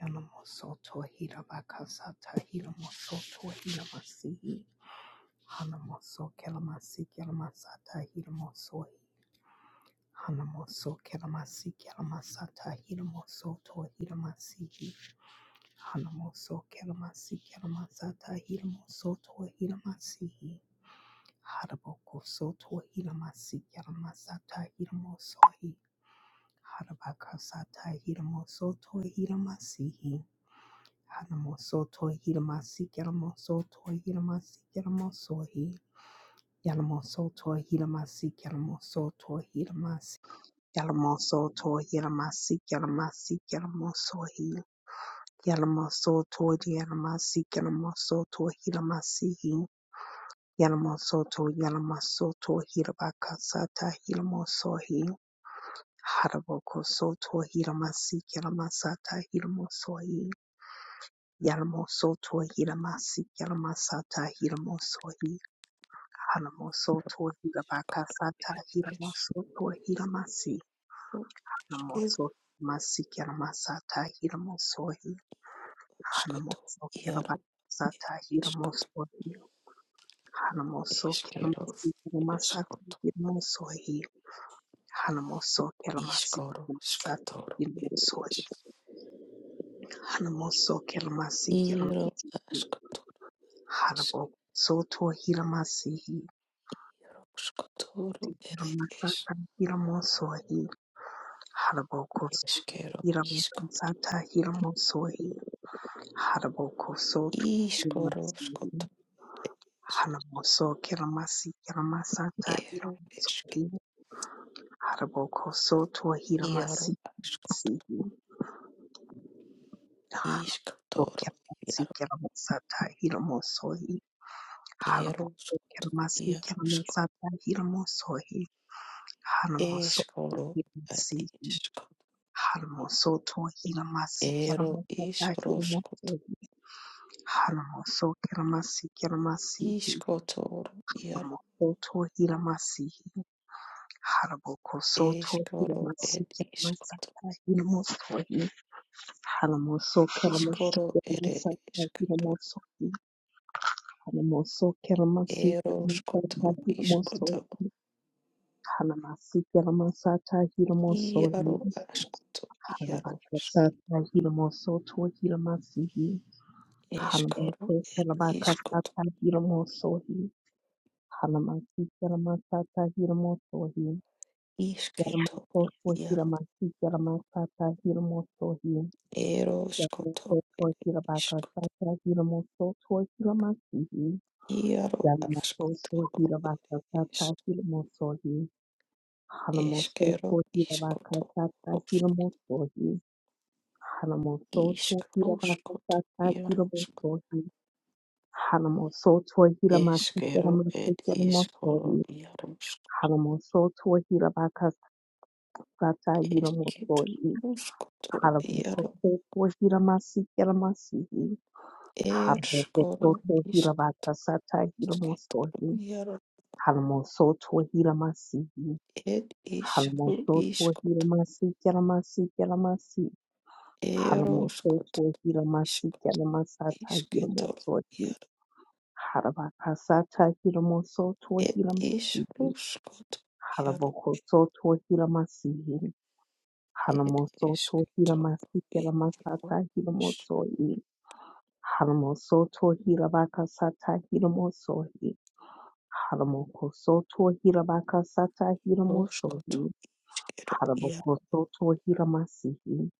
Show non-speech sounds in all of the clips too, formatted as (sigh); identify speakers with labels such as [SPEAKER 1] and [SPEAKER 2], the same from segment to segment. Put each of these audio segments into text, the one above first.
[SPEAKER 1] Yanamosoto Hirabakasata Hiramosoto Hiramasi Hanamoso Kelamasi Kelamasata Hiramoso Hanamoso Kelamasi Kelamasata Hiramosoto Hiramasi Hanamoso Kelamasi Kelamasata Hiramosoto Hiramasi Haraboko Soto Hiramasi Kelamasata Hiramoso Harabakasata Hiramosoto Hiramasi Yalamosoto Hilamasi Yalamosoto Hilamasi Yalamosohi Yalamosoto Hilamasi Yalamosoto Hilamasi Yalamosoto Hilamasi Yalamasi Yalamosohi Yalamosoto Yalamasi Yalamosoto Hilamasihi Yalamosoto Yalamasoto Hilabakasata Hilamosohi Haraboko Soto Hilamasi Yalamasata Hilamosohi Yalamosoto Hiramasi Yalamasata Hiramosohi Hanamosoto Hirabakasata Hiramosoto Hiramasi Hanamoso masi, Yalamosotohilamasi Yalamasatahilamosohi Hanamosotohilabakasatahilamosotohilamasi Hanamosohimasi Yalamasatahilamosohi Hanamosohilabakasatahilamosohi Hanamosohilamasi Yalamasatahilamosohi Hanamosohilamasi Yalamasatahilamosohi Hanamosohilamasi Yalamasatahilamosohi Hanabo Soto Hilamasi Hiramasata Hiramosohi Harabokoso Hiramasata Hiramosohi Harabokoso Hiramosohi Hanamoso Kiramasi Kiramasata Hiramosohi Harabokoso to Hiramasi Sihi Kiramasi Kiramasata Hiramosohi Harabokoso Kiramasi Kiramasata Hiramosohi Hanamoso Hiramasi Haramosoto hiramasi kiramokota hiramasi haramosoto hiramasi kiramasi haramosoto hiramasi haramokosoto hiramasi kiramasata hiramosohi haramosoto kiramasi kiramasata hiramosohi haramosoto kiramasi kiramasata hiramosohi haramasi kiramasata hiramosohi haramakosata hiramosoto hiramasi Hanabako Kalabakasa Tahiramo Sohi, Hanamaki Kalamasa Tahiramo Sohi, Yaramato Sohiramaki Kalamasa Tahiramo Sohi, Yaramato Sohirabakasa Tahiramo Sohiramaki, Yaramato Sohirabakasa Tahiramo Sohi, Hanamoso Sohirabakasa Tahiramo Sohi, Hanamoso Sohirabakasa Tahiramo Sohi, Hanamoso Tohila Masikira Masikira Mosoi, Hanamoso Tohila Bakasata Yilamosoi, Halaboko Tohila Masikira Masihi, Halaboko Tohila Bakasata Yilamosoi, Hanamoso Tohila masi. Hanamoso Tohila Masikira Masikira Masi, Hanamoso Tohila Masikira Masata Yilamosoi, Harabakasata Yilamoso Tohila Masihi. Halabokosoto hilamasihi. Halamosoto hilamasiki lamasata hilamosohi. Halamosoto hilabakasata hilamosohi. Halamokosoto hilabakasata hilamosohi. Halabokosoto hilamasihi.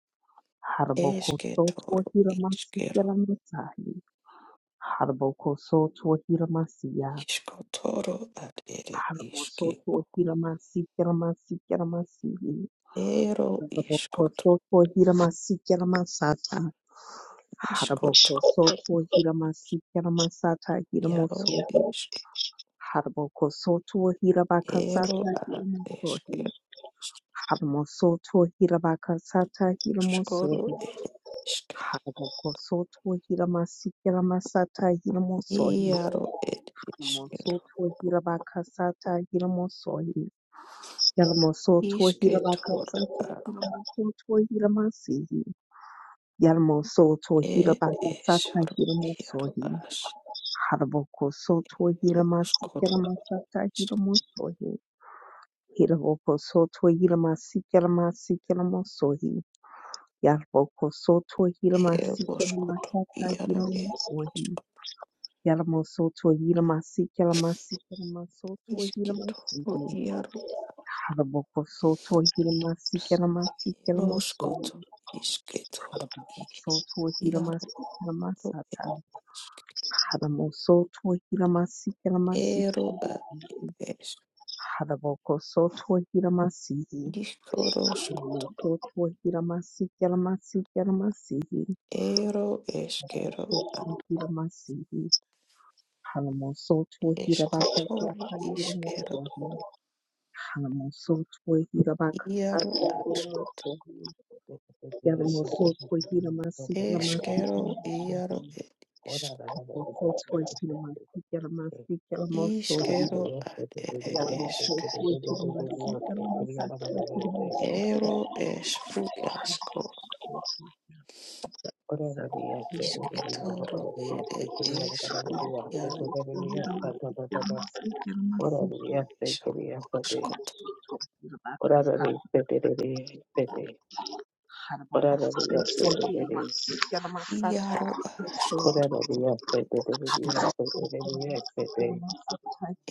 [SPEAKER 1] Halabokosoto hilamasiki lamasahi. Halabokosoto hilamasiya. Halamosoto hilamasiki lamasiki lamasihi. Haraboko hira masikira masata. Haraboko soto hira masikira masata hira moso. Haraboko soto hira bakasata hira moso. Harmoso to hira bakasata hira moso. Haraboko soto hira masikira masata hira moso. Harmoso to hira bakasata hira moso. Harmoso to hira bakasata hira moso to hira masi. Yarmo so to hiraba sata hiramo sohi. Haraboko so to hirama sikerama sata hiramo sohi. Hiraboko so to hirama sikerama sikeramo sohi. Yarboko so to hirama sikerama sata hiramo sohi. Yarmo so to hirama sikerama sikerama so to hirama Haraboko so to hirama sikerama sikeramo sohi. Haraboko so to hirama sikerama Haramosoto hiramasi hiramasi Kiramasi Haraboko soto hiramasi Mototo hiramasi hiramasi hiramasi Soto hiramasi Haramosoto hirabaka sata hiramosoto Haramosoto hirabaka sata hiramosoto
[SPEAKER 2] Yes,
[SPEAKER 1] Yaramosoto hiramasi hiramasi hiramasi Mototo hiramasi hiramasi hiramosoto Thank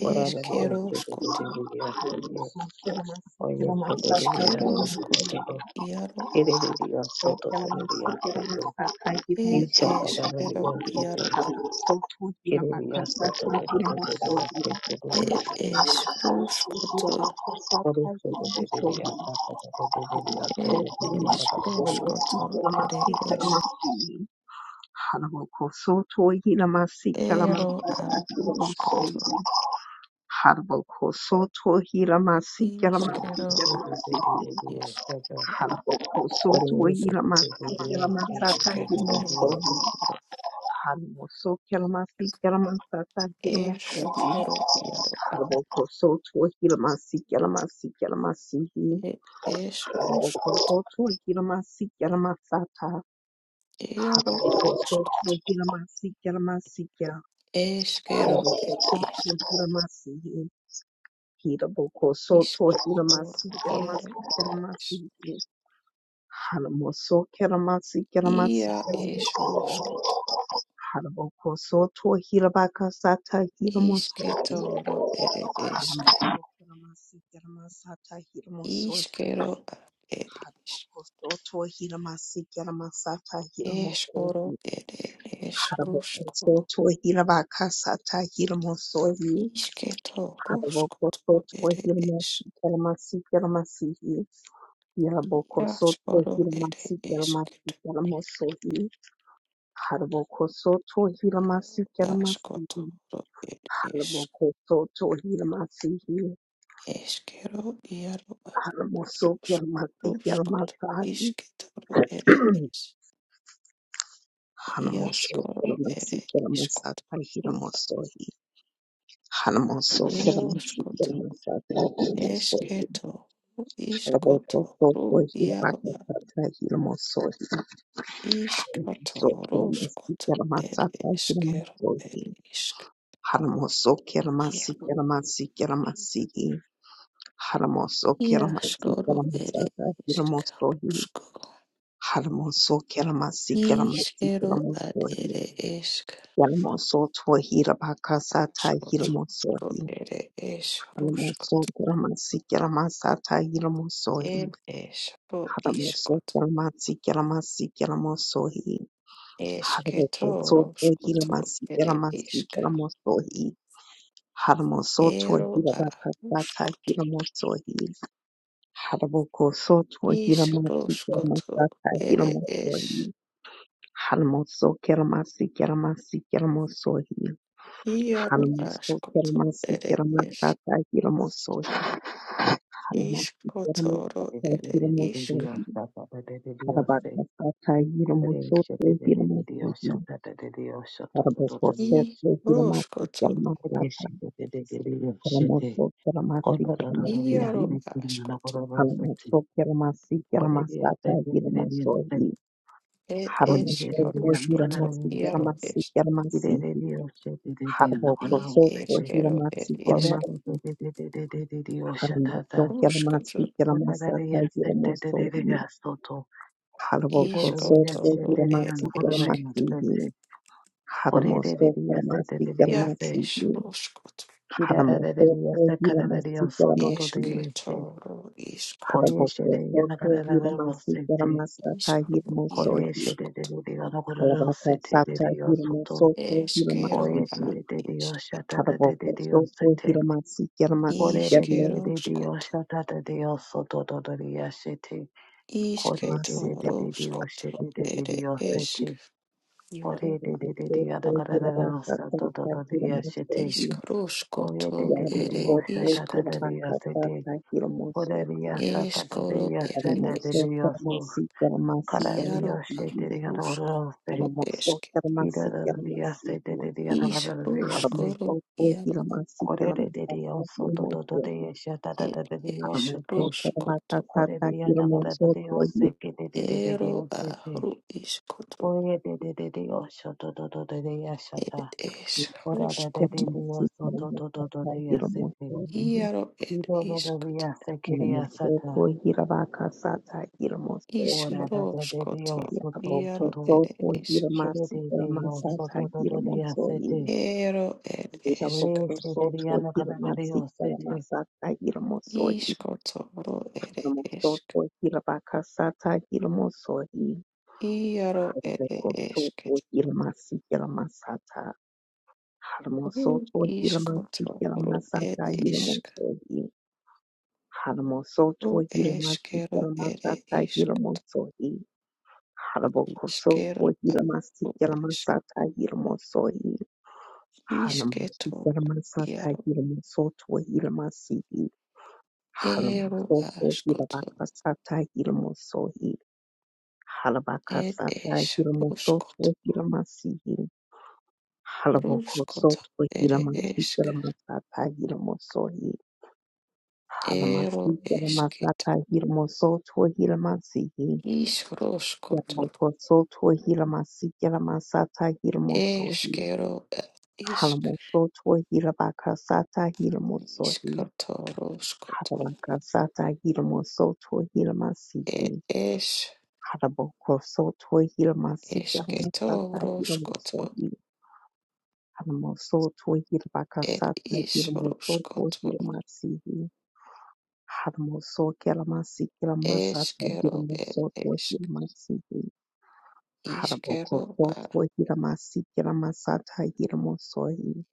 [SPEAKER 2] Ore
[SPEAKER 1] Hallelujah. Harabokoto hiramasi yaramasata. Harabokoto hiramasi yaramasiya. Harabokoto hiramasi hirabokosoto hiramasi yaramasi yaramasi. Haramoso keramasi yaramasi yaramoso. Harabokosoto hirabakasata hiramoso. Hiramasi yaramasata hiramoso. Harabokosoto hiramasi yaramasata hiramoso. Harabokoso tohirabakasata hiramosohi. Harabokoso tohiramasi keramasi keramasihi. Hirabokoso tohiramasi keramasi keramosohi. Harabokoso tohiramasi keramasihi. Harabokoso tohiramasihi. Haramoso keramasi keramasahi. Hanamoso keramasi keramasata hiramosohi. Hanamoso keramasi keramasata hiramosohi. Haramoso, Kelmatsi, Kelmatsi, Kelmosohi, Harmosoto hila masikela masikela mosohi. Harmosoto hila bakasata hila mosohi. Harmosoto hila masikela masata hila mosohi. Harmosokela masikela masikela mosohi. Harmosokela masikela masata hila mosohi. Harmosikela masata hila mosohi. Harbakasata hila
[SPEAKER 2] Yes,
[SPEAKER 1] mosoto hila masihi. Harmosoto Kalamoso, Kalamasi, Kalamasi, Kalamoso, Kalamasi, Kalamasata, Hidamoso, Haramoso, Hiramasi, Kalamasi, Kalamasi, Harboko, Soko, Hiramasi, Kalama, Haramoso, Kalamasi, Kalamasata, Hidamoso, Harboko, Soto, Hiramasi, Kalamasi, Haramoso, Kalamasi, Kalamasi, Haramoso,
[SPEAKER 2] Kirararariyasa kararariya
[SPEAKER 1] Hiramasi,
[SPEAKER 2] soto to
[SPEAKER 1] Kalamasi,
[SPEAKER 2] deyese. Koyeshe
[SPEAKER 1] Haraboko
[SPEAKER 2] de
[SPEAKER 1] soto Hiramasi,
[SPEAKER 2] yanagarararose te.
[SPEAKER 1] sitarama sata hirmo sohi.
[SPEAKER 2] Koyeshe de de de de
[SPEAKER 1] Kalabaka
[SPEAKER 2] yanagararose te de
[SPEAKER 1] sata
[SPEAKER 2] de
[SPEAKER 1] hirmo
[SPEAKER 2] yosoto.
[SPEAKER 1] soto Hiramasi,
[SPEAKER 2] Koye de de
[SPEAKER 1] shiki.
[SPEAKER 2] de de yoshata da de
[SPEAKER 1] Haraboko
[SPEAKER 2] de de
[SPEAKER 1] soto
[SPEAKER 2] yose te.
[SPEAKER 1] Hiramasi, sitarama
[SPEAKER 2] Kore de de
[SPEAKER 1] sitarama
[SPEAKER 2] de de de yoshata da de yosoto to de yashe te. Kore de de
[SPEAKER 1] sitarama.
[SPEAKER 2] de de de yoshe de de de de yose te. Kore de de de
[SPEAKER 1] Haraboko
[SPEAKER 2] de
[SPEAKER 1] soto hirama
[SPEAKER 2] yanagarararose to to
[SPEAKER 1] sata
[SPEAKER 2] to de
[SPEAKER 1] hirmo
[SPEAKER 2] yashe te.
[SPEAKER 1] sohi.
[SPEAKER 2] Koye de de de
[SPEAKER 1] Yarama
[SPEAKER 2] de
[SPEAKER 1] soto
[SPEAKER 2] yoshata da
[SPEAKER 1] hirama
[SPEAKER 2] de yase te.
[SPEAKER 1] sata hirmo sohi.
[SPEAKER 2] Orariya sakadariya
[SPEAKER 1] Haramo soto
[SPEAKER 2] sedariya
[SPEAKER 1] hirama
[SPEAKER 2] so
[SPEAKER 1] sitarama sitarama
[SPEAKER 2] karariya
[SPEAKER 1] sitarama.
[SPEAKER 2] shedariya orarose
[SPEAKER 1] Haramo soto hirama sitarama
[SPEAKER 2] hirarariya
[SPEAKER 1] sitarama.
[SPEAKER 2] sedariya
[SPEAKER 1] Hiramasata Hiramasata
[SPEAKER 2] orarariya se korerariya so to to to totototariya shatadariya sete
[SPEAKER 1] Hiramasata
[SPEAKER 2] koreriya nagarariya
[SPEAKER 1] Hiramosohi
[SPEAKER 2] se kedariya sete korerariya so to to to totototariya shata orarariya so to to to totototariya sete hirarariya se kiriya sata orarariya so to to Kennedy Soto Doria City, Ore Sederiana Canadio City.
[SPEAKER 1] Soto Hirmasi Hirmasata Harmo Soto Hirmasi Hirmasata Hirmo Sohi Harmo Soto Hirmasi Hirmasata Hirmo Sohi Harbo Soto Hirmasi Hirmasata Hirmo Sohi Harmo Hirmasata Hirmo Soto Hirmasi Harmo Soto Hirmakasata Hirmo Sohi Halabakasata Hirmo Soto Hirmasi Halabokosoto Hilamasikamasata Hilamosohi Halamasikalamasata Hilamosoto Hilamasihi Yalamokosoto Hilamasikamasata Hilamosohi Halamosoto Hilabakasata Hilamosohi Halabakasata Hilamosoto Hilamasihi Halabokosoto Hilamasikamasata Hilamosohi Hanamosoto Hirabakasata Hiramosoto Hiramasihi Hanamosokelamasi Kelamasata Hiramosoto Hiramasihi Haramokosoto Hiramasi Kelamasata Hiramosohi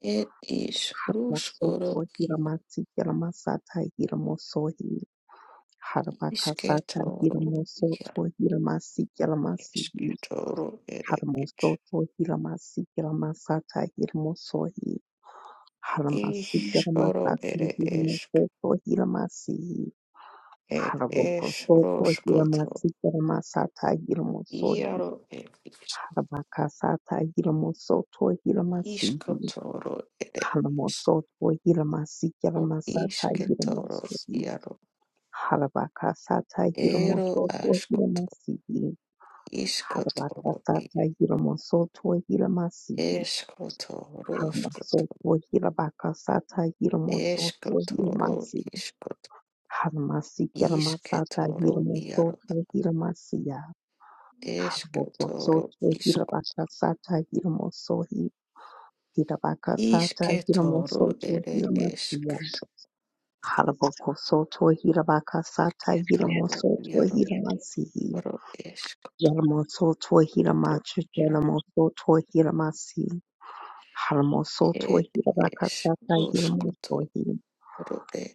[SPEAKER 1] Haramosoto Hiramasi Kelamasata Hiramosohi Harabakasata Hiramosoto Hiramasi Kelamasihi Haramosoto Hiramasi Kelamasata Hiramosohi Haramasi Garamasaka Giramasoko Hiramasi Haraboko soto Hiramasi Garamasata Giramosohi Harabakasata Giramosoto Hiramasi Haramosoto Hiramasi Garamasata Giramosohi Harabakasata Giramosoto Hiramasi Harabakasata Giramosoto Hiramasi Haramosoto Hirabakasata Giramosoto Hiramasi Haramasi Kiramasata Hiramosoto Hiramasia Haramosoto Hirabakasata Hiramosohi Hirabakasata Hiramosoto Hiramasia Haramosoto Hirabakasata Hiramosoto Hiramasihi Yalamosoto Hiramachu Yalamosoto Hiramasi Haramosoto Hirabakasata Hiramosohi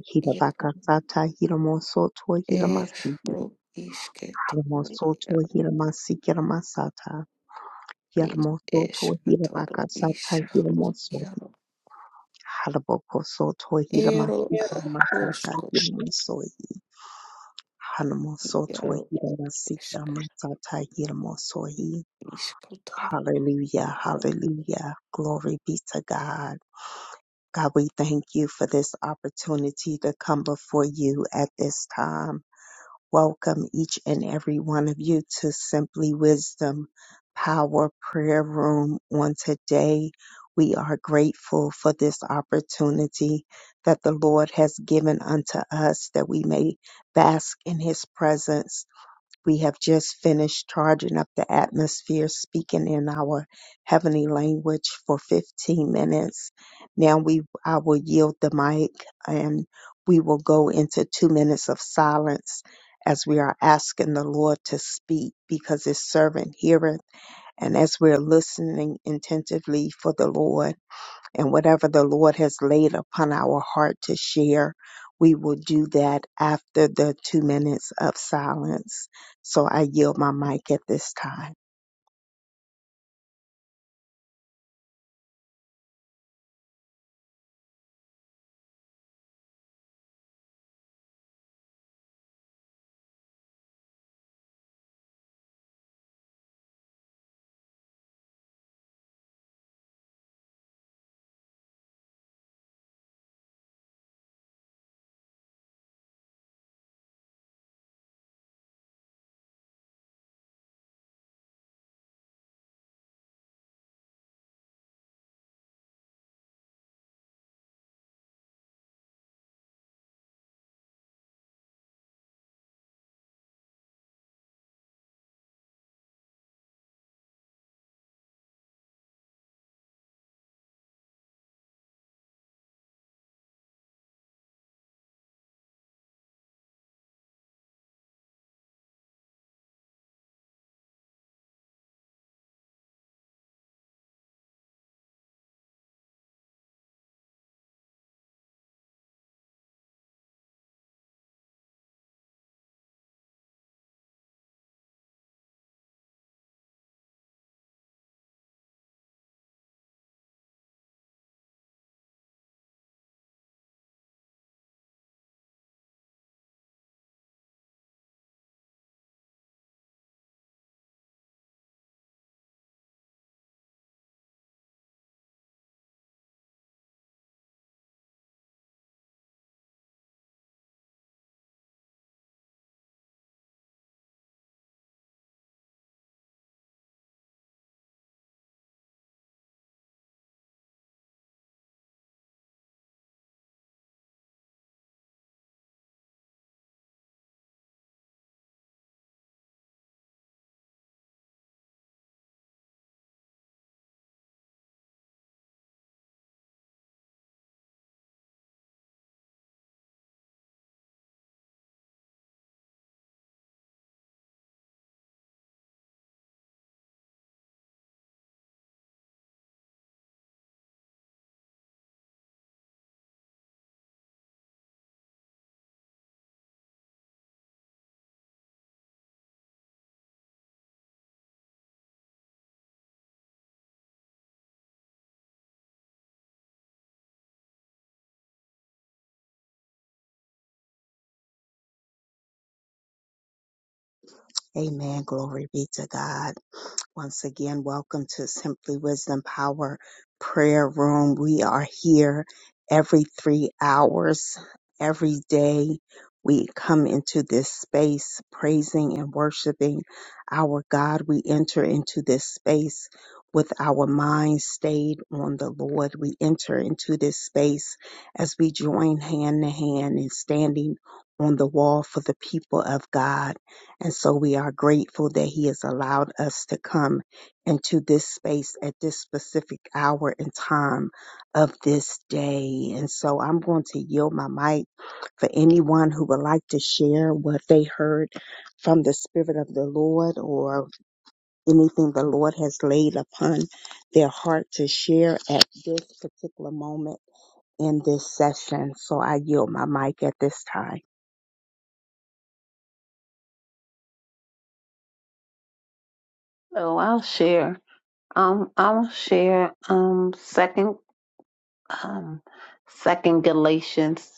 [SPEAKER 1] Hirabakasata Hiramosoto Hiramasi Almosoto hiramasikiramasata hirmosoto hiramakamasata hirmoso harabokosoto hiramasikiramasata hirmosohi haramosoto hiramasikiramasata hirmosohi Hallelujah, hallelujah. Glory be to God. God, we thank you for this opportunity to come before you at this time. welcome each and every one of you to Simply Wisdom Power Prayer Room on today. We are grateful for this opportunity that the Lord has given unto us that we may bask in his presence we have just finished charging up the atmosphere, speaking in our heavenly language for 15 minutes. Now we, I will yield the mic and we will go into two minutes of silence as we are asking the Lord to speak because his servant heareth. And as we're listening attentively for the Lord, and whatever the Lord has laid upon our heart to share, we will do that after the two minutes of silence. So I yield my mic at this time. Amen. Glory be to God. Once again, welcome to Simply Wisdom Power Prayer Room. We are here every three hours, every day. We come into this space praising and worshiping our God. We enter into this space with our mind stayed on the Lord. We enter into this space as we join hand to hand in standing on the wall for the people of God. And so we are grateful that He has allowed us to come into this space at this specific hour and time of this day. And so I'm going to yield my mic for anyone who would like to share what they heard from the Spirit of the Lord or anything the Lord has laid upon their heart to share at this particular moment in this session. So I yield my mic at this time.
[SPEAKER 2] So I'll share. Um, I'll share. Um, second. Um, second Galatians.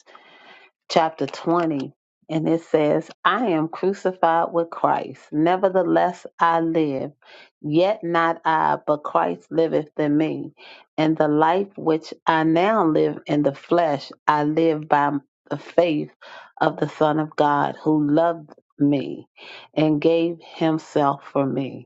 [SPEAKER 2] chapter 20, and it says, I am crucified with Christ. Nevertheless, I live. Yet not I, but Christ liveth in me. And the life which I now live in the flesh, I live by the faith of the Son of God, who loved me and gave himself for me.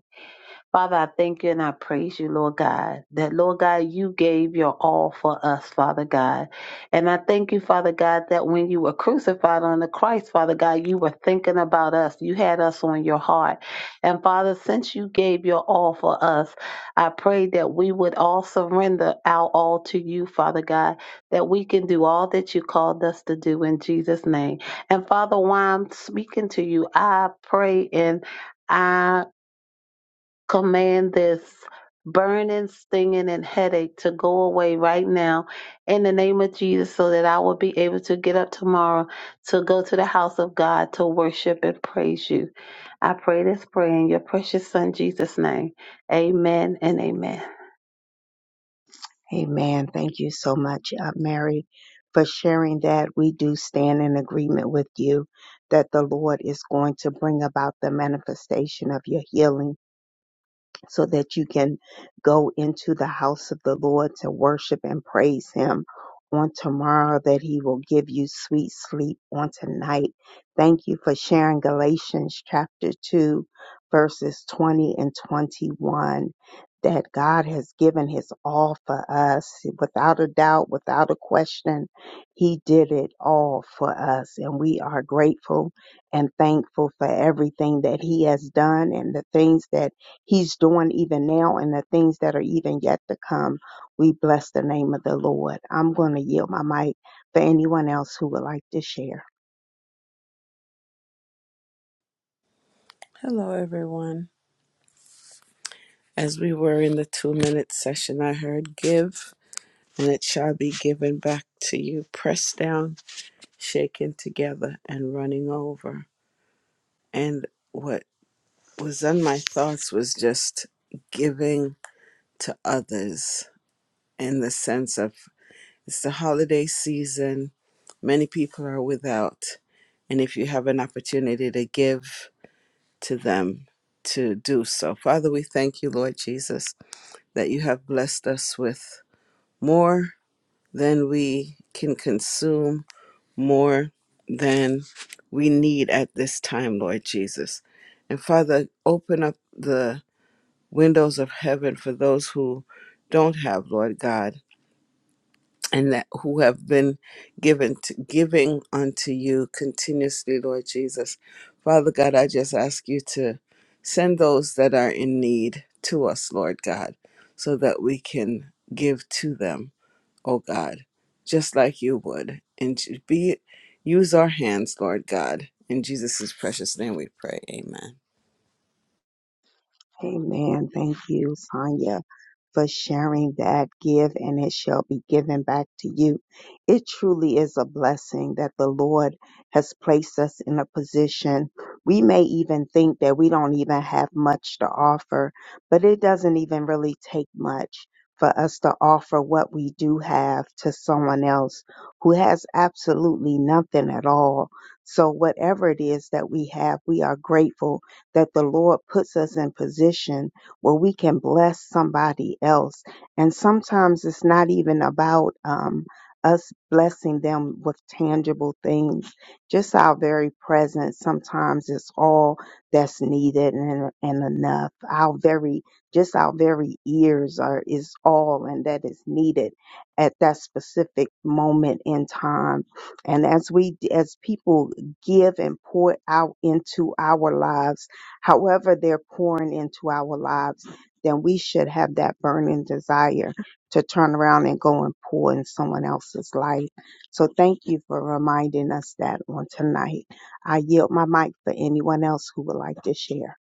[SPEAKER 2] Father, I thank you and I praise you, Lord God, that, Lord God, you gave your all for us, Father God. And I thank you, Father God, that when you were crucified on the cross, Father God, you were thinking about us. You had us on your heart. And Father, since you gave your all for us, I pray that we would all surrender our all to you, Father God, that we can do all that you called us to do in Jesus' name. And Father, while I'm speaking to you, I pray and I command this burning, stinging, and headache to go away right now in the name of Jesus so that I will be able to get up tomorrow to go to the house of God to worship and praise you. I pray this prayer in your precious son Jesus' name. Amen and amen.
[SPEAKER 1] Amen. Thank you so much, uh, Mary, for sharing that. We do stand in agreement with you that the Lord is going to bring about the manifestation of your healing so that you can go into the house of the Lord to worship and praise Him on tomorrow, that He will give you sweet sleep on tonight. Thank you for sharing Galatians chapter 2, verses 20 and 21. That God has given His all for us without a doubt, without a question. He did it all for us, and we are grateful and thankful for everything that He has done and the things that He's doing even now and the things that are even yet to come. We bless the name of the Lord. I'm going to yield my mic for anyone else who would like to share.
[SPEAKER 3] Hello, everyone. As we were in the two minute session, I heard give, and it shall be given back to you, pressed down, shaken together, and running over. And what was on my thoughts was just giving to others in the sense of it's the holiday season, many people are without, and if you have an opportunity to give to them, to do so. Father, we thank you, Lord Jesus that you have blessed us with more than we can consume, more than we need at this time, Lord Jesus. And Father, open up the windows of heaven for those who don't have, Lord God and that who have been given to, giving unto you continuously, Lord Jesus. Father God, I just ask you to send those that are in need to us, Lord God, so that we can give to them, oh God, just like you would. And to be use our hands, Lord God. In Jesus' precious name we pray. Amen.
[SPEAKER 1] Amen. Thank you, Sonia. for sharing that. Give and it shall be given back to you. It truly is a blessing that the Lord has placed us in a position. We may even think that we don't even have much to offer, but it doesn't even really take much for us to offer what we do have to someone else who has absolutely nothing at all. So whatever it is that we have, we are grateful that the Lord puts us in position where we can bless somebody else. And sometimes it's not even about um, us blessing them with tangible things. Just our very presence sometimes is all that's needed and, and enough. Our very, just our very ears are is all and that is needed at that specific moment in time. And as we, as people give and pour out into our lives, however they're pouring into our lives, then we should have that burning desire to turn around and go and pour in someone else's life. So thank you for reminding us that on tonight. I yield my mic for anyone else who would like to share.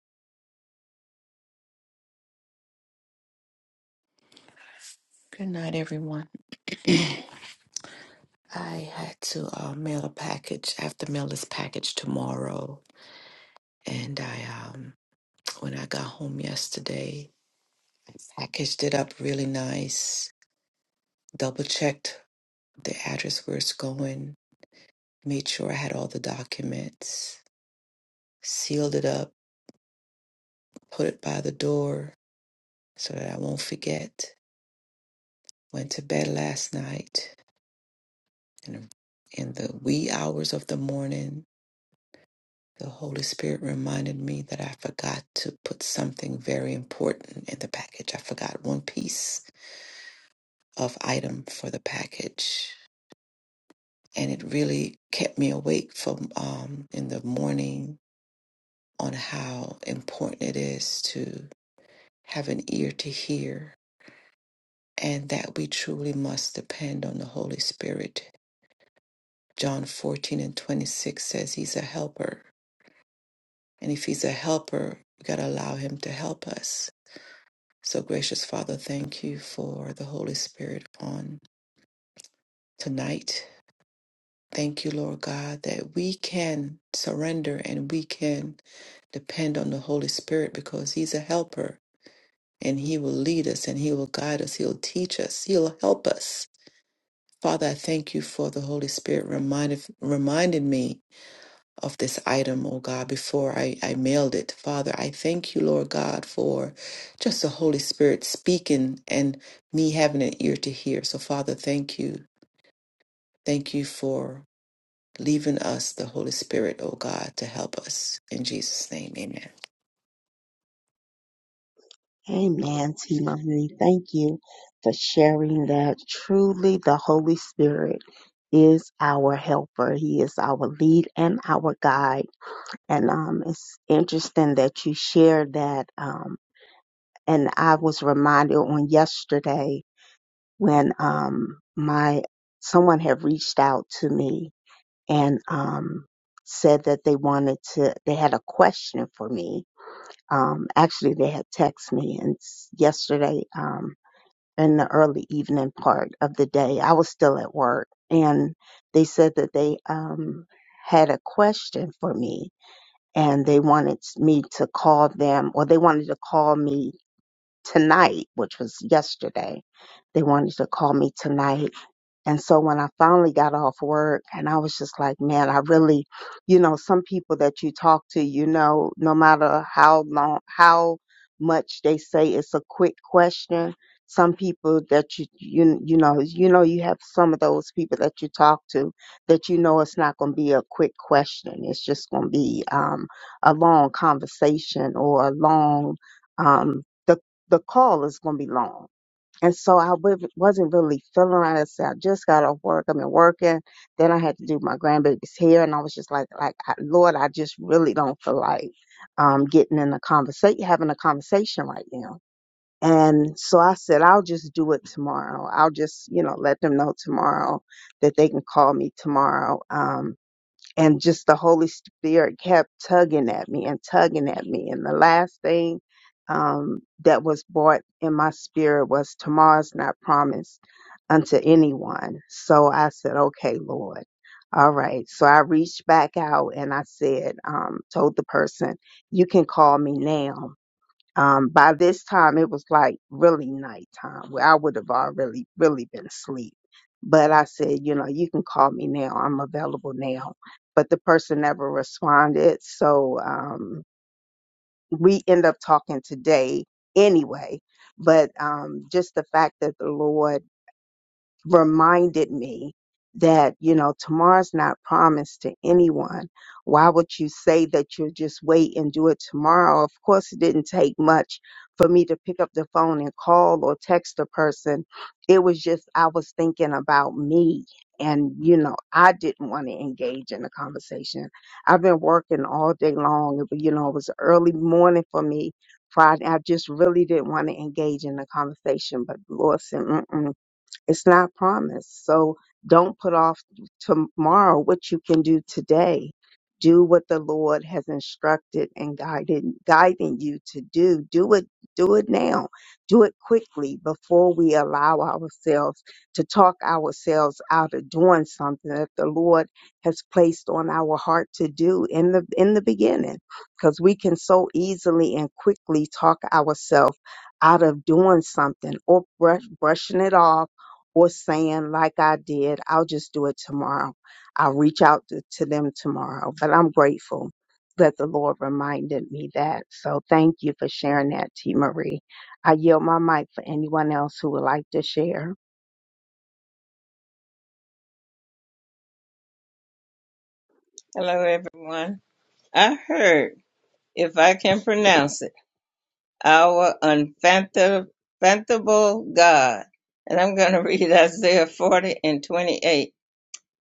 [SPEAKER 1] Amen, T. Marie. Thank you for sharing that. Truly, the Holy Spirit is our helper. He is our lead and our guide. And um, it's interesting that you shared that. Um. and I was reminded on yesterday when um my someone had reached out to me and um said that they wanted to they had a question for me. Um actually they had texted me and s- yesterday um in the early evening part of the day I was still at work and they said that they um had a question for me and they wanted me to call them or they wanted to call me tonight, which was yesterday. They wanted to call me tonight and so when I finally got off work and I was just like, man, I really, you know, some people that you talk to, you know, no matter how long, how much they say it's a quick question, some people that you, you, you know, you know, you have some of those people that you talk to that you know it's not going to be a quick question. It's just going to be, um, a long conversation or a long, um, the, the call is going to be long and so I w- wasn't really feeling right. I said, I just got off work. I've been working. Then I had to do my grandbaby's hair. And I was just like, like, I- Lord, I just really don't feel like, um, getting in a conversation, having a conversation right now. And so I said, I'll just do it tomorrow. I'll just, you know, let them know tomorrow that they can call me tomorrow. Um, and just the Holy Spirit kept tugging at me and tugging at me. And the last thing um, that was brought in my spirit was tomorrow's not promised unto anyone. So I said, okay, Lord. All right. So I reached back out and I said, um, told the person, you can call me now. Um, by this time, it was like really nighttime where I would have already really been asleep. But I said, you know, you can call me now. I'm available now. But the person never responded. So um, we end up talking today anyway. But um, just the fact that the Lord reminded me that you know tomorrow's not promised to anyone why would you say that you'll just wait and do it tomorrow of course it didn't take much for me to pick up the phone and call or text a person it was just i was thinking about me and you know i didn't want to engage in a conversation i've been working all day long It- you know it was early morning for me friday i just really didn't want to engage in a conversation but lord said, "Mm-mm." It's not promised. So don't put off tomorrow what you can do today. Do what the Lord has instructed and guided, guiding you to do. Do it, do it now. Do it quickly before we allow ourselves to talk ourselves out of doing something that the Lord has placed on our heart to do in the, in the beginning. Cause we can so easily and quickly talk ourselves out of doing something or brush, brushing it off or saying like I did, I'll just do it tomorrow. I'll reach out to, to them tomorrow. But I'm grateful that the Lord reminded me that. So thank you for sharing that, T. Marie. I yield my mic for anyone else who would like to share.
[SPEAKER 4] Hello, everyone. I heard, if I can pronounce it, our unfathomable God. And I'm going to (laughs) read Isaiah 40 and 28.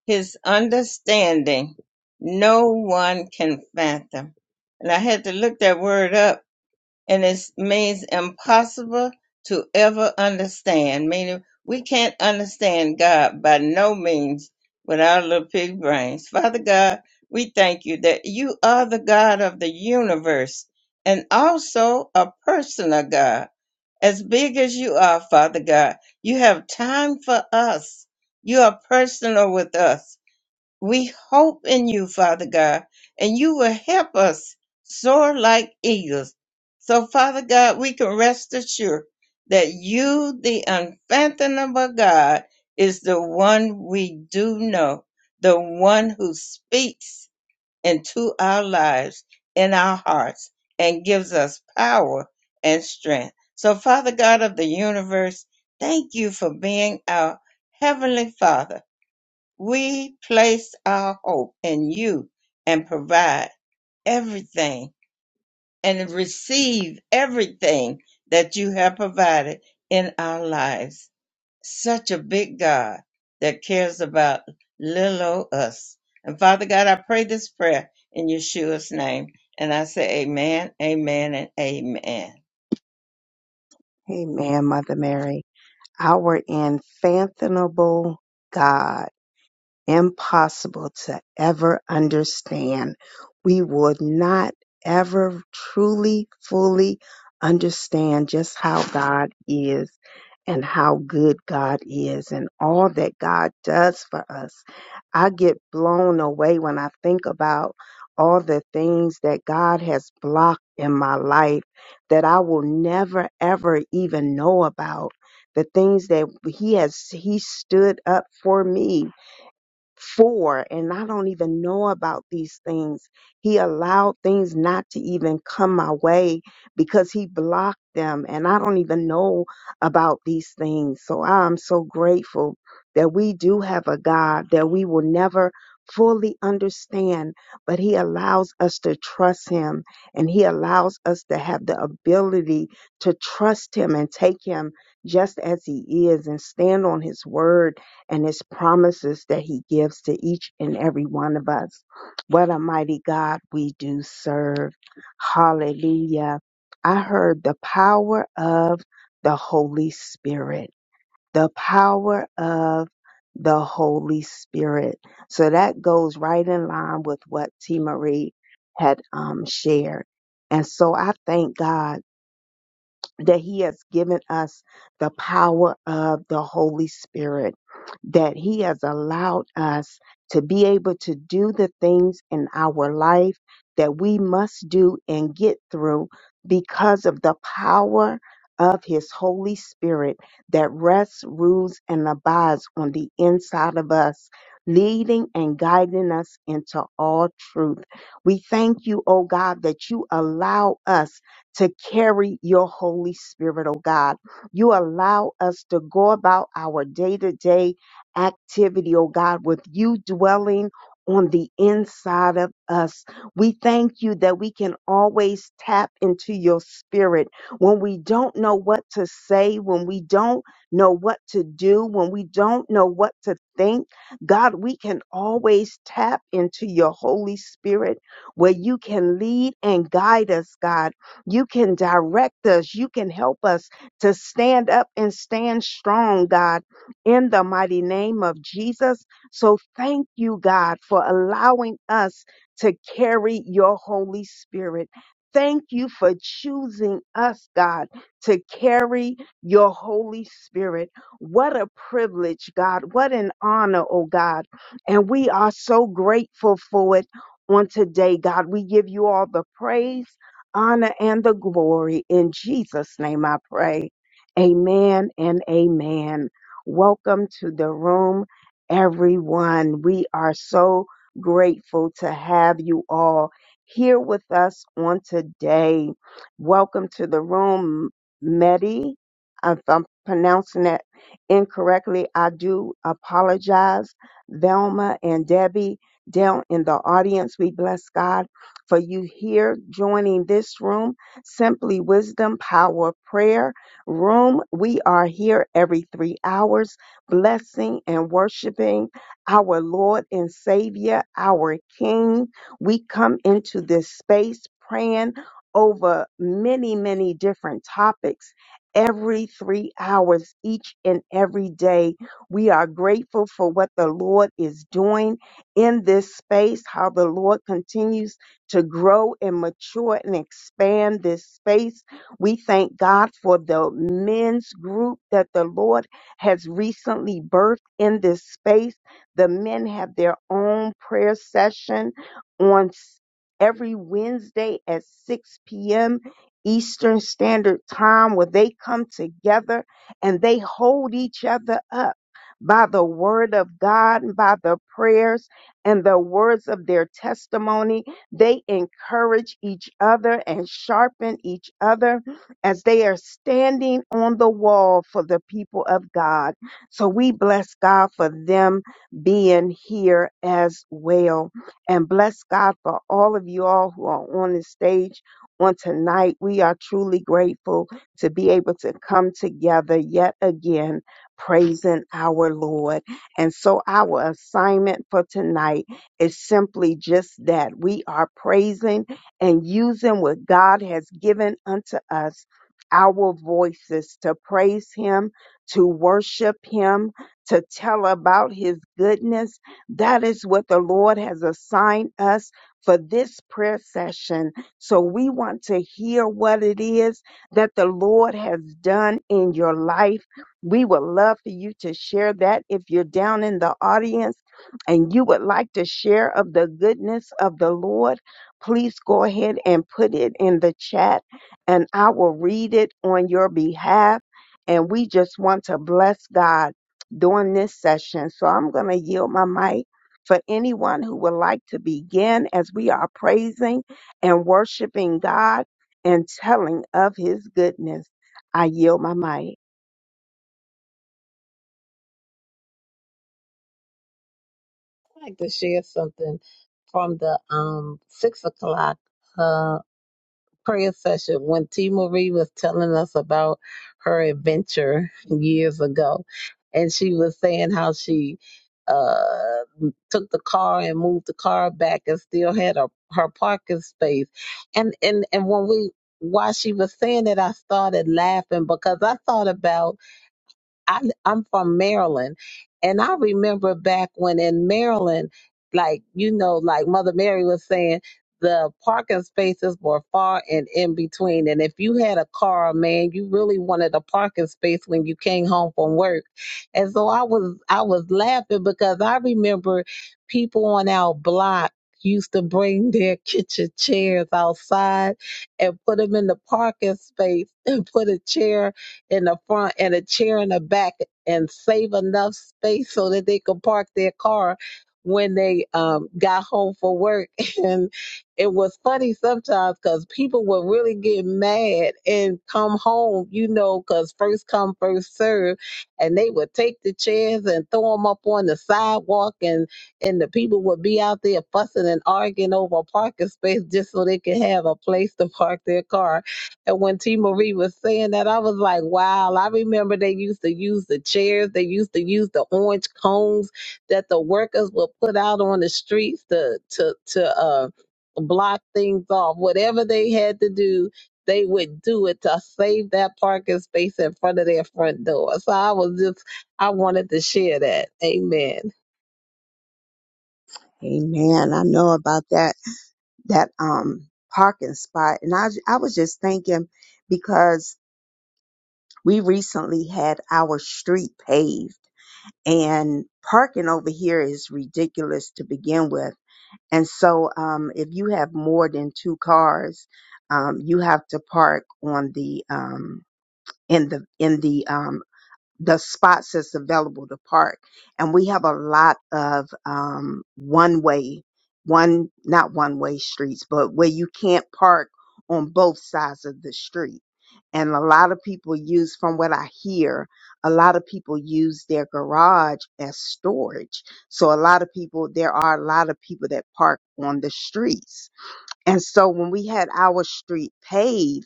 [SPEAKER 4] His understanding, no one can fathom. And I had to look that word up and it means impossible to ever understand. Meaning, we can't understand God by no means with our little pig brains. Father God, we thank you that you are the God of the universe and also a personal God. As big as you are, Father God, you have time for us. You are personal with us. We hope in you, Father God, and you will help us soar like eagles. So, Father God, we can rest assured that you, the unfathomable God, is the one we do know, the one who speaks into our lives, in our hearts, and gives us power and strength. So, Father God of the universe, thank you for being our Heavenly Father we place our hope in you and provide everything and receive everything that you have provided in our lives. Such a big God that cares about little old us. And Father God, I pray this prayer in Yeshua's name. And I say, Amen, Amen, and Amen.
[SPEAKER 1] Amen, Mother Mary. Our infathomable God. impossible to ever understand. We would not ever truly, fully understand just how God is and how good God is and all that God does for us. I get blown away when I think about all the things that God has blocked in my life that I will never ever even know about. The things that he has he stood up for me for and I don't even know about these things. He allowed things not to even come my way because he blocked them and I don't even know about these things. So I'm so grateful that we do have a God that we will never fully understand, but he allows us to trust him and he allows us to have the ability to trust him and take him just as he is and stand on his word and his promises that he gives to each and every one of us. What a mighty God we do serve. Hallelujah. I heard the power of the Holy Spirit. The power of the Holy Spirit. So that goes right in line with what T. Marie had um, shared. And so I thank God that he has given us the power of the Holy Spirit, that he has allowed us to be able to do the things in our life that we must do and get through because of the power of his Holy Spirit that rests, rules, and abides on the inside of us. Leading and guiding us into all truth. We thank you, O God, that you allow us to carry your Holy Spirit, oh God. You allow us to go about our day to day activity, oh God, with you dwelling on the inside of us. We thank you that we can always tap into your spirit when we don't know what to say, when we don't know what to do, when we don't know what to think. God, we can always tap into your Holy Spirit where you can lead and guide us, God. You can direct us. You can help us to stand up and stand strong, God, in the mighty name of Jesus. So thank you, God, for allowing us to carry your Holy Spirit. Thank you for choosing us, God, to carry your Holy Spirit. What a privilege, God. What an honor, oh God. And we are so grateful for it on today, God. We give you all the praise honor, and the glory. In Jesus' name I pray. Amen and amen. Welcome to the room, everyone. We are so grateful to have you all here with us on today. Welcome to the room, Medi. If I'm pronouncing that incorrectly, I do apologize. Velma and Debbie down in the audience, we bless God for you here joining this room, Simply Wisdom Power Prayer Room. We are here every three hours, blessing and worshiping our Lord and Savior, our King. We come into this space praying over many, many different topics. Every three hours, each and every day, we are grateful for what the Lord is doing in this space, how the Lord continues to grow and mature and expand this space. We thank God for the men's group that the Lord has recently birthed in this space. The men have their own prayer session on s- every Wednesday at 6 p.m. Eastern Standard Time where they come together and they hold each other up by the word of God and by the prayers and the words of their testimony they encourage each other and sharpen each other as they are standing on the wall for the people of God. So we bless God for them being here as well. And bless God for all of you all who are on the stage on tonight. We are truly grateful to be able to come together yet again, praising our Lord. And so our assignment for tonight is simply just that we are praising and using what God has given unto us, our voices to praise Him, to worship Him, to tell about His goodness. That is what the Lord has assigned us for this prayer session. So we want to hear what it is that the Lord has done in your life. We would love for you to share that if you're down in the audience and you would like to share of the goodness of the Lord, please go ahead and put it in the chat and I will read it on your behalf. And we just want to bless God during this session. So I'm going to yield my mic for anyone who would like to begin as we are praising and worshiping God and telling of his goodness. I yield my mic.
[SPEAKER 2] I'd like to share something from the um six o'clock. prayer session when T Marie was telling us about her adventure years ago, and she was saying how she uh took the car and moved the car back and still had her, her parking space. And and and when we while she was saying that I started laughing because I thought about I, I'm from Maryland. And I remember back when in Maryland, like, you know, like Mother Mary was saying, the parking spaces were far and in between. And if you had a car, man, you really wanted a parking space when you came home from work. And so I was I was laughing because I remember people on our block used to bring (laughs) their kitchen chairs outside and put them in the parking space and put a chair in the front and a chair in the back and save enough space so that they could park their car when they um, got home for work. (laughs) And it was funny sometimes because people would really get mad and come home, you know, because first come, first serve. And they would take the chairs and throw them up on the sidewalk and and the people would be out there fussing and arguing over a parking space just so they could have a place to park their car. And when T Marie was saying that, I was like, wow, I remember they used to use the chairs, they used to use the orange cones that the workers would put out on the streets to to to uh block things off. Whatever they had to do, they would do it to save that parking space in front of their front door. So I was just I wanted to share that. Amen.
[SPEAKER 1] Amen. I know about that. that um parking spot and I I was just thinking because we recently had our street paved and parking over here is ridiculous to begin with. And so um if you have more than two cars, um you have to park on the um in the in the um the spots that's available to park. And we have a lot of um, one way, one, not one way streets, but where you can't park on both sides of the street. And a lot of people use, from what I hear, a lot of people use their garage as storage. So a lot of people, there are a lot of people that park on the streets. And so when we had our street paved,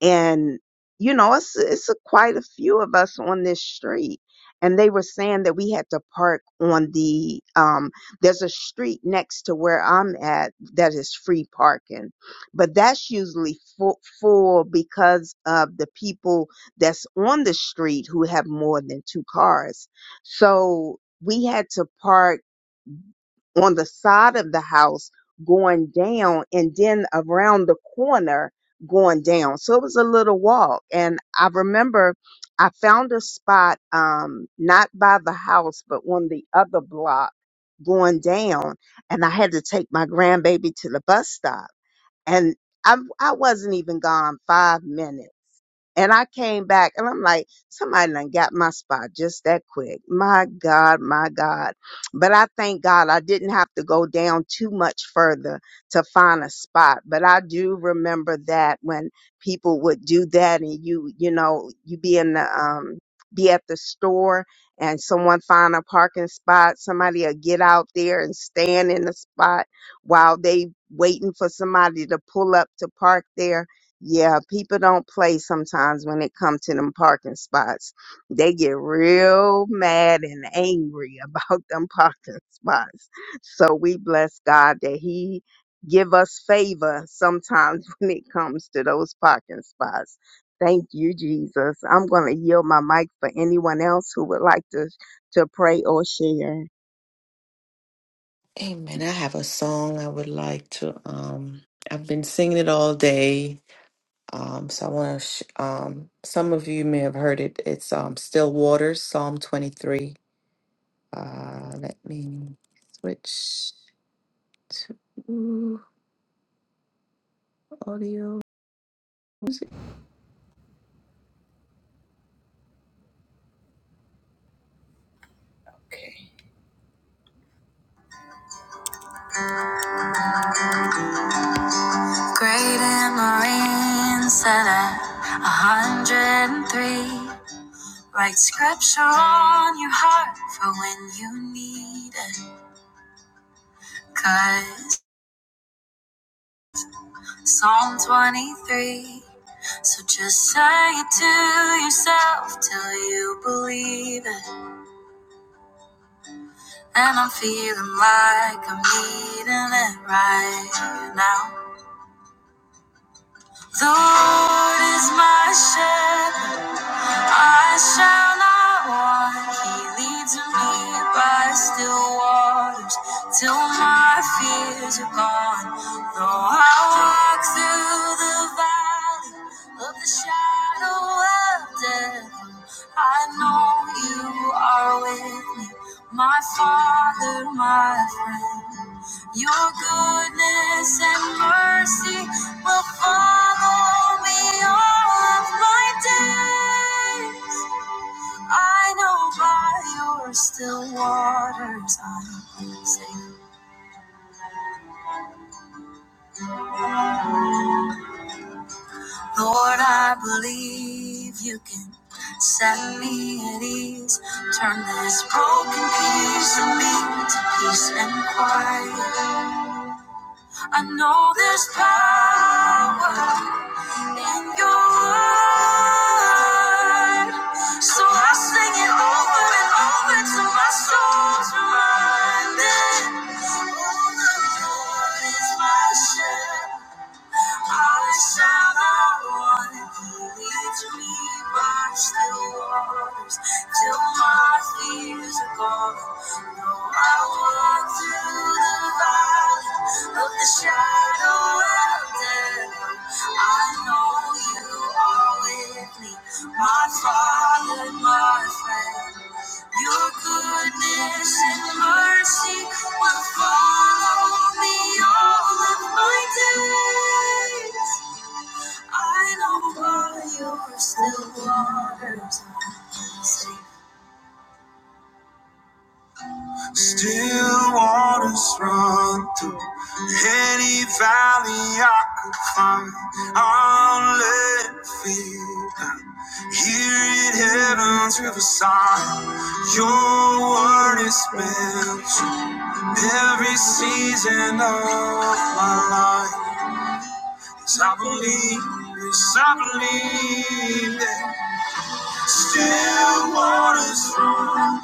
[SPEAKER 1] and you know it's it's a, quite a few of us on this street and they were saying that we had to park on the um there's a street next to where I'm at that is free parking but that's usually full, full because of the people that's on the street who have more than two cars so we had to park on the side of the house going down and then around the corner going down. So it was a little walk. And I remember I found a spot, um, not by the house, but on the other block going down. And I had to take my grandbaby to the bus stop and I I wasn't even gone five minutes. And I came back and I'm like, somebody done got my spot just that quick. My God, my God. But I thank God I didn't have to go down too much further to find a spot. But I do remember that when people would do that and you, you know, you be in the, um, be at the store and someone find a parking spot, somebody will get out there and stand in the spot while they waiting for somebody to pull up to park there. Yeah, people don't play sometimes when it comes to them parking spots. They get real mad and angry (laughs) about them parking (laughs) spots. So we bless God that he give us favor sometimes (laughs) when it comes to those parking spots. Thank you, Jesus. I'm going to yield my mic for anyone else who would like to, to pray or share.
[SPEAKER 5] Great and Marine said at 103. Write scripture on your heart for when you need it. Cause Psalm 23. So just say it to yourself till you believe it. And I'm feeling like I'm needing it right now. The Lord is my shepherd. I shall not want. He leads me by still waters till my fears are gone. Though I walk through the valley of the shadow of death, I know you are with me, my Father, my friend. Your goodness and mercy will follow me all of my days. I know by your still waters I'm safe. Lord, I believe you can set me at ease. Turn this broken piece of me to peace and quiet. I know there's power in your word. So I sing it over and over till my soul's reminded. Oh, the Lord is my shepherd. I shall not want it. leads me by still waters till my fears are gone. No, I walk through the valley of the shadow of death. I know you are with me, my Father, my friend. Your goodness and mercy will follow me all of my days. I know by your still waters. I see. Still waters run through any valley I could find. I'll let it feel down. Here in heaven's riverside, your word is meant to Every season of my life, yes, I believe, yes, I believe that still waters run.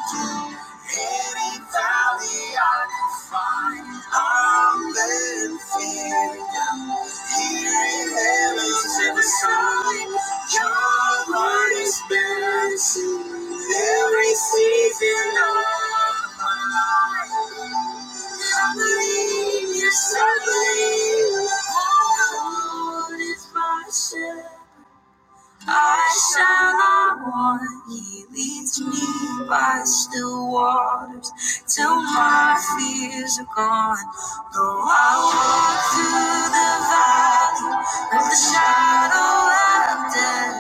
[SPEAKER 5] Any valley I can find, I'm letting fear down. Here in heaven's every sign, your light is balancing every season of my life. I believe, yes, I believe, The Lord is my shepherd. I shall not want. He leads me by still waters till my fears are gone. Though I walk through the valley of the shadow of death,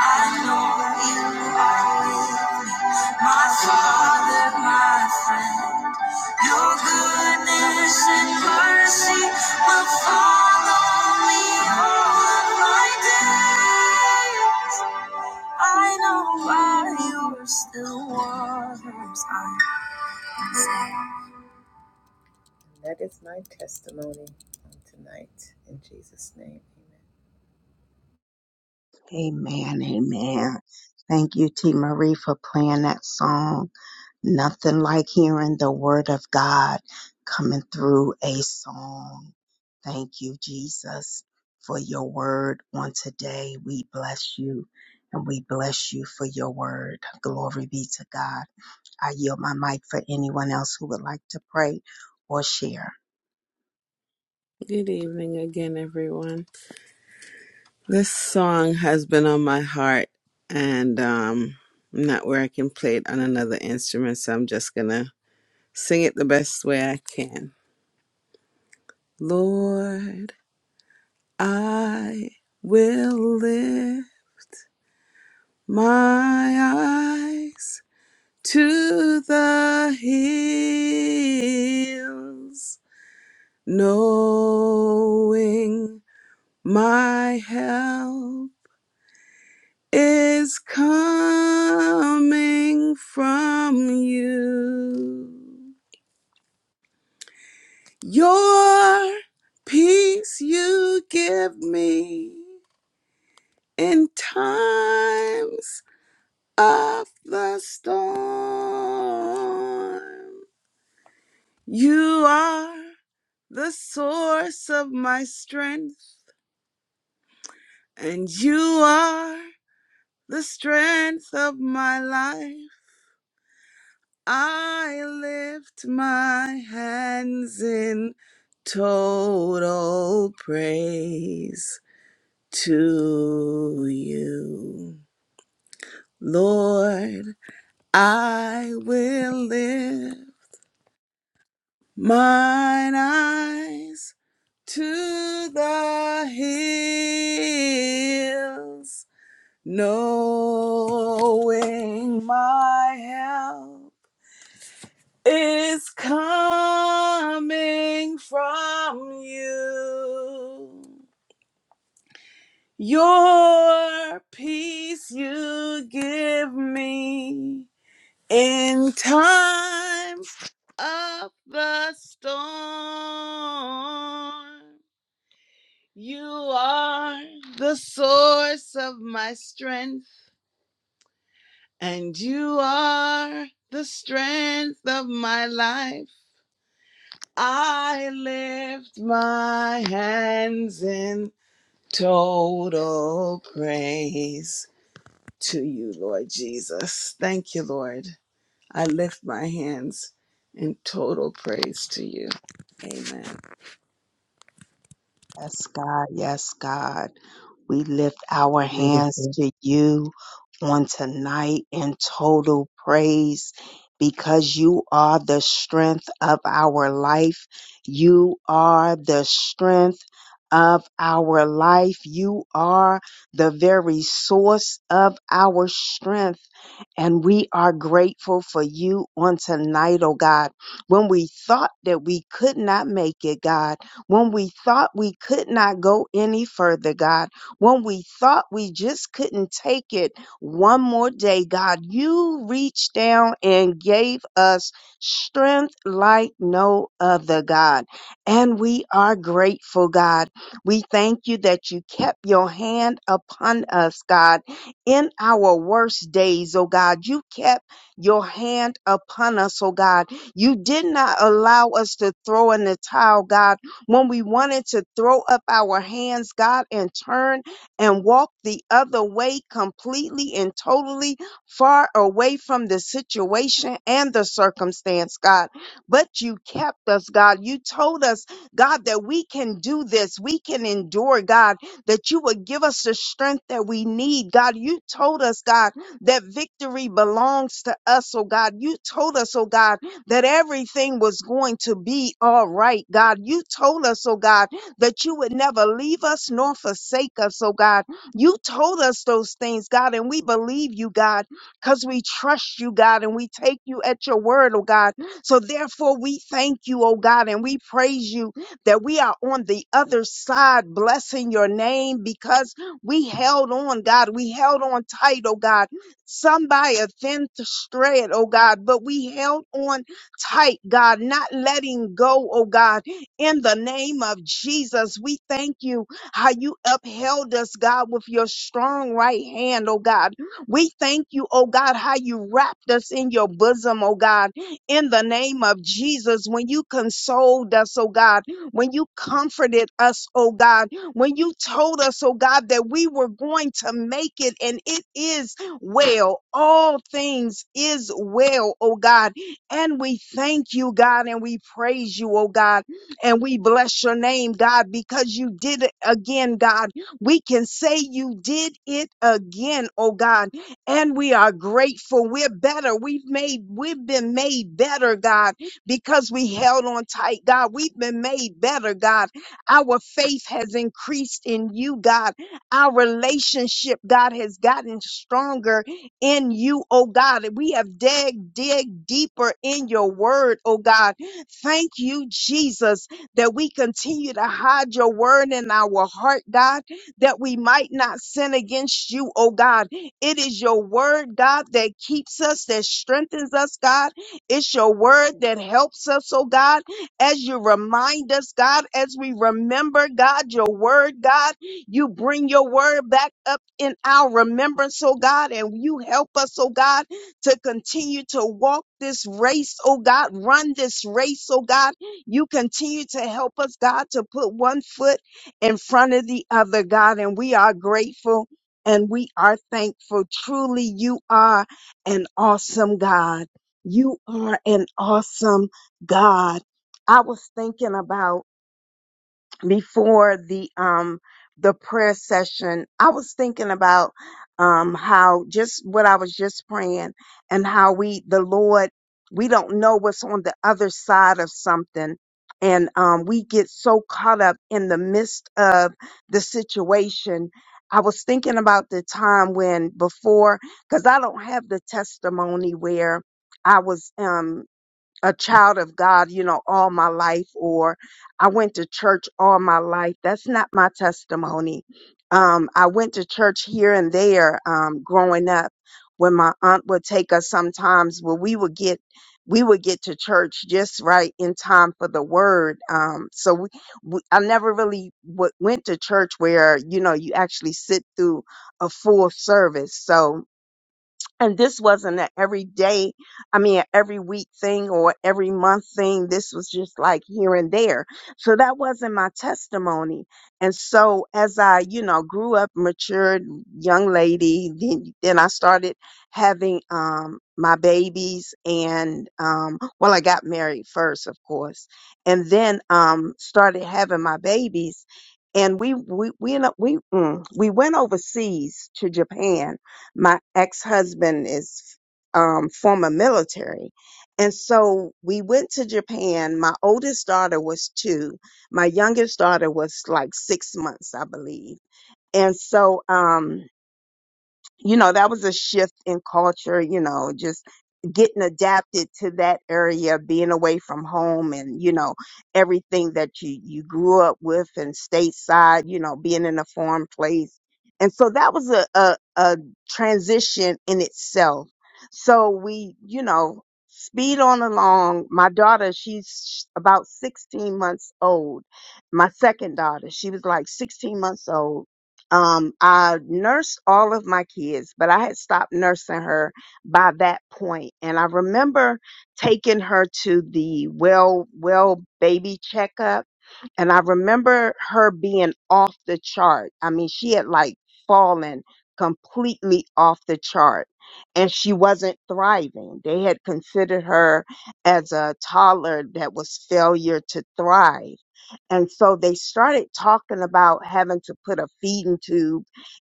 [SPEAKER 5] I know you are with me, my Father, my friend. Your goodness and mercy will follow me all of my days. I know by your still waters I am safe.
[SPEAKER 1] Amen, amen. Thank you, T. Marie, for playing that song. Nothing like hearing the word of God coming through a song. Thank you, Jesus, for your word on today. We bless you and we bless you for your word. Glory be to God. I yield my mic for anyone else who would like to pray or share.
[SPEAKER 3] Good evening again, everyone. This song has been on my heart, and um, I'm not where I can play it on another instrument, so I'm just gonna sing it the best way I can. Lord, I will lift my eyes to the hills, knowing my help is coming from you. Your peace you give me in times of the storm. You are the source of my strength, and you are the strength of my life. I lift my hands in total praise to you. Lord, I will lift mine eyes to the hills, knowing my help is coming from you. Your peace you give me in times of the storm. You are the source of my strength, and you are the strength of my life. I lift my hands in total praise to you, Lord Jesus. Thank you, Lord. I lift my hands in total praise to you. Amen.
[SPEAKER 1] Yes, God. Yes, God. We lift our hands to you on tonight in total praise because you are the strength of our life. You are the strength of our life. You are the very source of our strength. And we are grateful for you on tonight, oh God. When we thought that we could not make it, God, when we thought we could not go any further, God. When we thought we just couldn't take it one more day, God, you reached down and gave us strength like no other, God. And we are grateful, God. We thank you that you kept your hand upon us, God, in our worst days, oh God. You kept your hand upon us, oh God. You did not allow us to throw in the towel, God, when we wanted to throw up our hands, God, and turn and walk the other way completely and totally far away from the situation and the circumstance, God. But you kept us, God. You told us, God, that we can do this. We can endure, God, that you would give us the strength that we need, God. You told us, God, that victory belongs to us, oh God. You told us, oh God, that everything was going to be all right, God. You told us, oh God that you would never leave us nor forsake us, oh God. You told us those things, God, and we believe you, God, because we trust you, God, and we take you at your word, oh God. So therefore, we thank you, oh God, and we praise you that we are on the other side, blessing your name because we held on, God. We held on tight, oh God. Some by a thin thread, oh God, but we held on tight, God, not letting go, oh God. In the name of Jesus, we thank you how you upheld us, God, with your strong right hand, oh God. We thank you, oh God, how you wrapped us in your bosom, oh God. In the name of Jesus, when you consoled us, oh God, when you comforted us, oh God, when you told us, oh God, that we were going to make it and it is well. All things is well, oh God. And we thank you, God, and we praise you, oh God. And we bless your name, God, because you did it again, God. We can say you did it again, oh God. And we are grateful. We're better. We've made, we've been made better, God, because we held on tight, God. We've been made better, God. Our faith has increased in you, God. Our relationship, God, has gotten stronger in you, oh God. We have dig, dig deeper in your word, oh God. Thank you, Jesus that we continue to hide your word in our heart, God, that we might not sin against you, oh God. It is your word, God, that keeps us, that strengthens us, God. It's your word that helps us, oh God, as you remind us, God, as we remember, God, your word, God. You bring your word back up in our remembrance, oh God, and you help us, oh God, to continue to walk this race, oh God, run this race, oh God you continue to help us, God, to put one foot in front of the other, God. And we are grateful and we are thankful. Truly, you are an awesome God. You are an awesome God. I was thinking about before the um the prayer session i was thinking about um how just what i was just praying and how we the lord we don't know what's on the other side of something and um we get so caught up in the midst of the situation i was thinking about the time when before because i don't have the testimony where i was um a child of God, you know, all my life, or I went to church all my life. That's not my testimony. Um, I went to church here and there um, growing up. When my aunt would take us, sometimes where we would get, we would get to church just right in time for the word. Um, so we, we, I never really w- went to church where you know you actually sit through a full service. So and this wasn't an everyday, I mean, a every week thing or every month thing. This was just like here and there. So that wasn't my testimony. And so as I, you know, grew up, matured, young lady, then, then I started having, um, my babies and, um, well, I got married first, of course, and then, um, started having my babies. And we, we, we, we, mm, we went overseas to Japan my ex-husband is um, former military and so we went to japan my oldest daughter was two my youngest daughter was like six months i believe and so um, you know, that was a shift in culture, you know, just getting adapted to that area, being away from home and, you know, everything that you, you grew up with and stateside, you know, being in a foreign place. And so that was a, a, a transition in itself. So we, you know, speed on along. My daughter, she's about 16 months old. My second daughter, she was like 16 months old um, I nursed all of my kids, but I had stopped nursing her by that point. And I remember taking her to the well, well baby checkup and I remember her being off the chart. I mean, she had like fallen completely off the chart and she wasn't thriving. They had considered her as a toddler that was failure to thrive. And so they started talking about having to put a feeding tube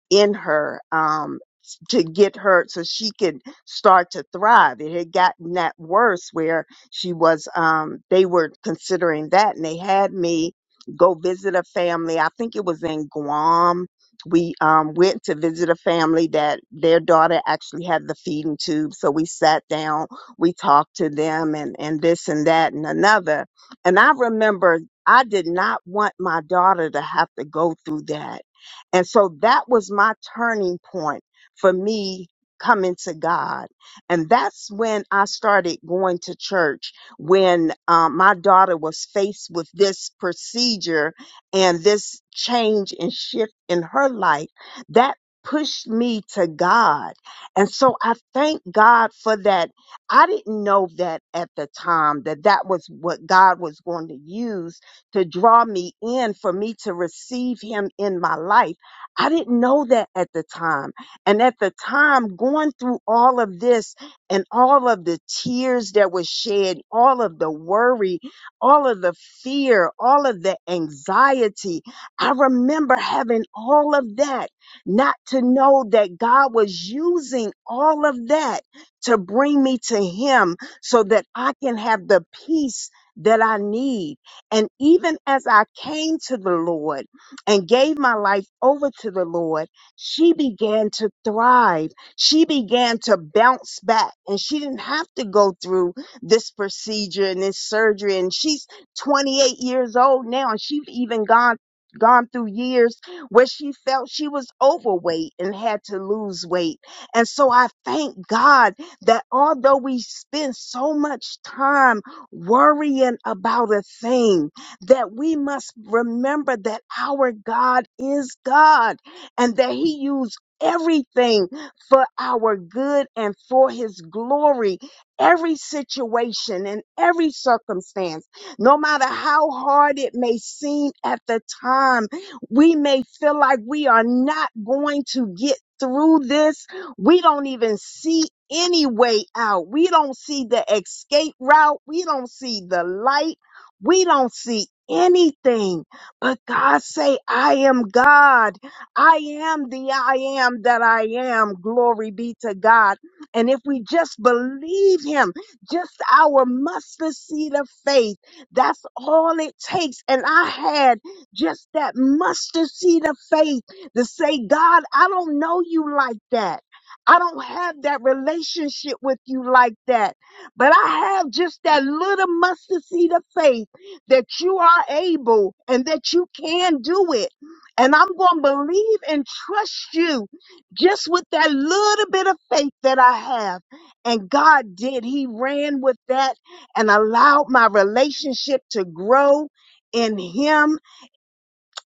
[SPEAKER 1] in her um, s- to get her so she could start to thrive. It had gotten that worse where she was, um, they were considering that. And they had me go visit a family. I think it was in Guam. We um, went to visit a family that their daughter actually had the feeding tube. So we sat down, we talked to them and, and this and that and another. And I remember I did not want my daughter to have to go through that. And so that was my turning point for me coming to God. And that's when I started going to church when um, my daughter was faced with this procedure and this change and shift in her life, that pushed me to God. And so I thank God for that. I didn't know that at the time that that was what God was going to use to draw me in for me to receive him in my life. I didn't know that at the time. And at the time going through all of this and all of the tears that were shed, all of the worry, all of the fear, all of the anxiety. I remember having all of that, not to know that God was using all of that to bring me to Him so that I can have the peace that I need. And even as I came to the Lord and gave my life over to the Lord, she began to thrive she began to bounce back and she didn't have to go through this procedure and this surgery. And she's 28 years old now and she's even gone gone through years where she felt she was overweight and had to lose weight. And so I thank God that although we spend so much time worrying about a thing, that we must remember that our God is God and that he used everything for our good and for his glory. Every situation and every circumstance, no matter how hard it may seem at the time, we may feel like we are not going to get through this. We don't even see any way out. We don't see the escape route. We don't see the light. We don't see anything. But God say, I am God I am the I am that I am. Glory be to God. And if we just believe Him, just our mustard seed of faith, that's all it takes. And I had just that mustard seed of faith to say, God, I don't know you like that. I don't have that relationship with you like that. But I have just that little mustard seed of faith that you are able and that you can do it and I'm going to believe and trust you just with that little bit of faith that I have. And God did. He ran with that and allowed my relationship to grow in Him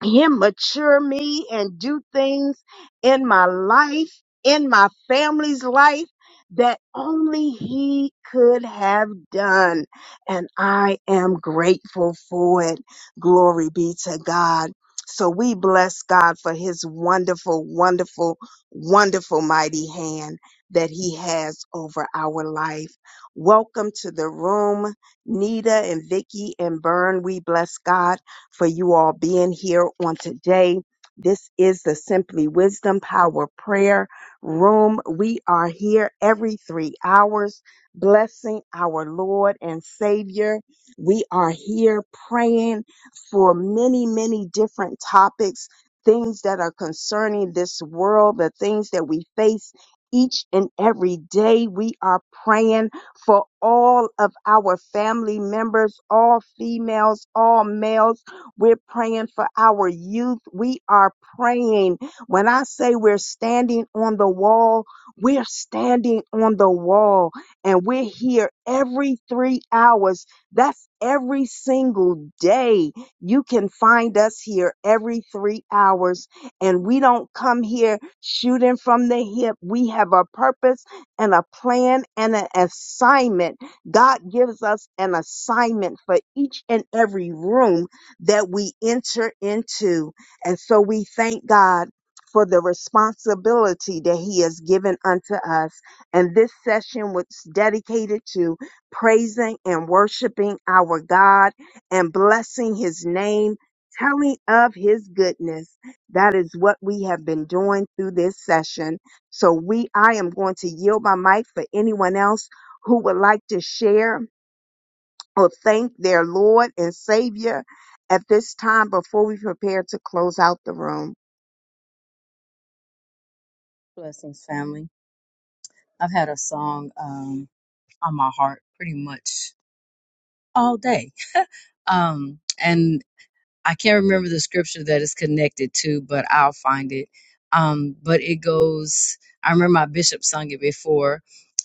[SPEAKER 1] him mature me and do things in my life, in my family's life that only he could have done. And I am grateful for it. Glory be to God. So we bless God for his wonderful, wonderful, wonderful mighty hand that he has over our life. Welcome to the room, Nita and Vicky and Byrne. We bless God for you all being here on today. This is the Simply Wisdom Power Prayer Room. We are here every three hours, blessing our Lord and Savior. We are here praying for many, many different topics, things that are concerning this world, the things that we face each and every day. We are praying for all of our family members, all females, all males. We're praying for our youth. We are praying. When I say we're standing on the wall, we're standing on the wall and we're here every three hours. That's every single day. You can find us here every three hours and we don't come here shooting from the hip. We have a purpose and a plan and an assignment. God gives us an assignment for each and every room that we enter into. And so we thank God for the responsibility that he has given unto us. And this session was dedicated to praising and worshiping our God and blessing his name, telling of his goodness. That is what we have been doing through this session. So we, I am going to yield my mic for anyone else who would like to share or thank their Lord and Savior at this time before we prepare to close out the room.
[SPEAKER 6] Blessings, family. I've had a song um, on my heart pretty much all day. Um, and I can't remember the scripture that it's connected to, but I'll find it. Um, but it goes, I remember my bishop sung it before,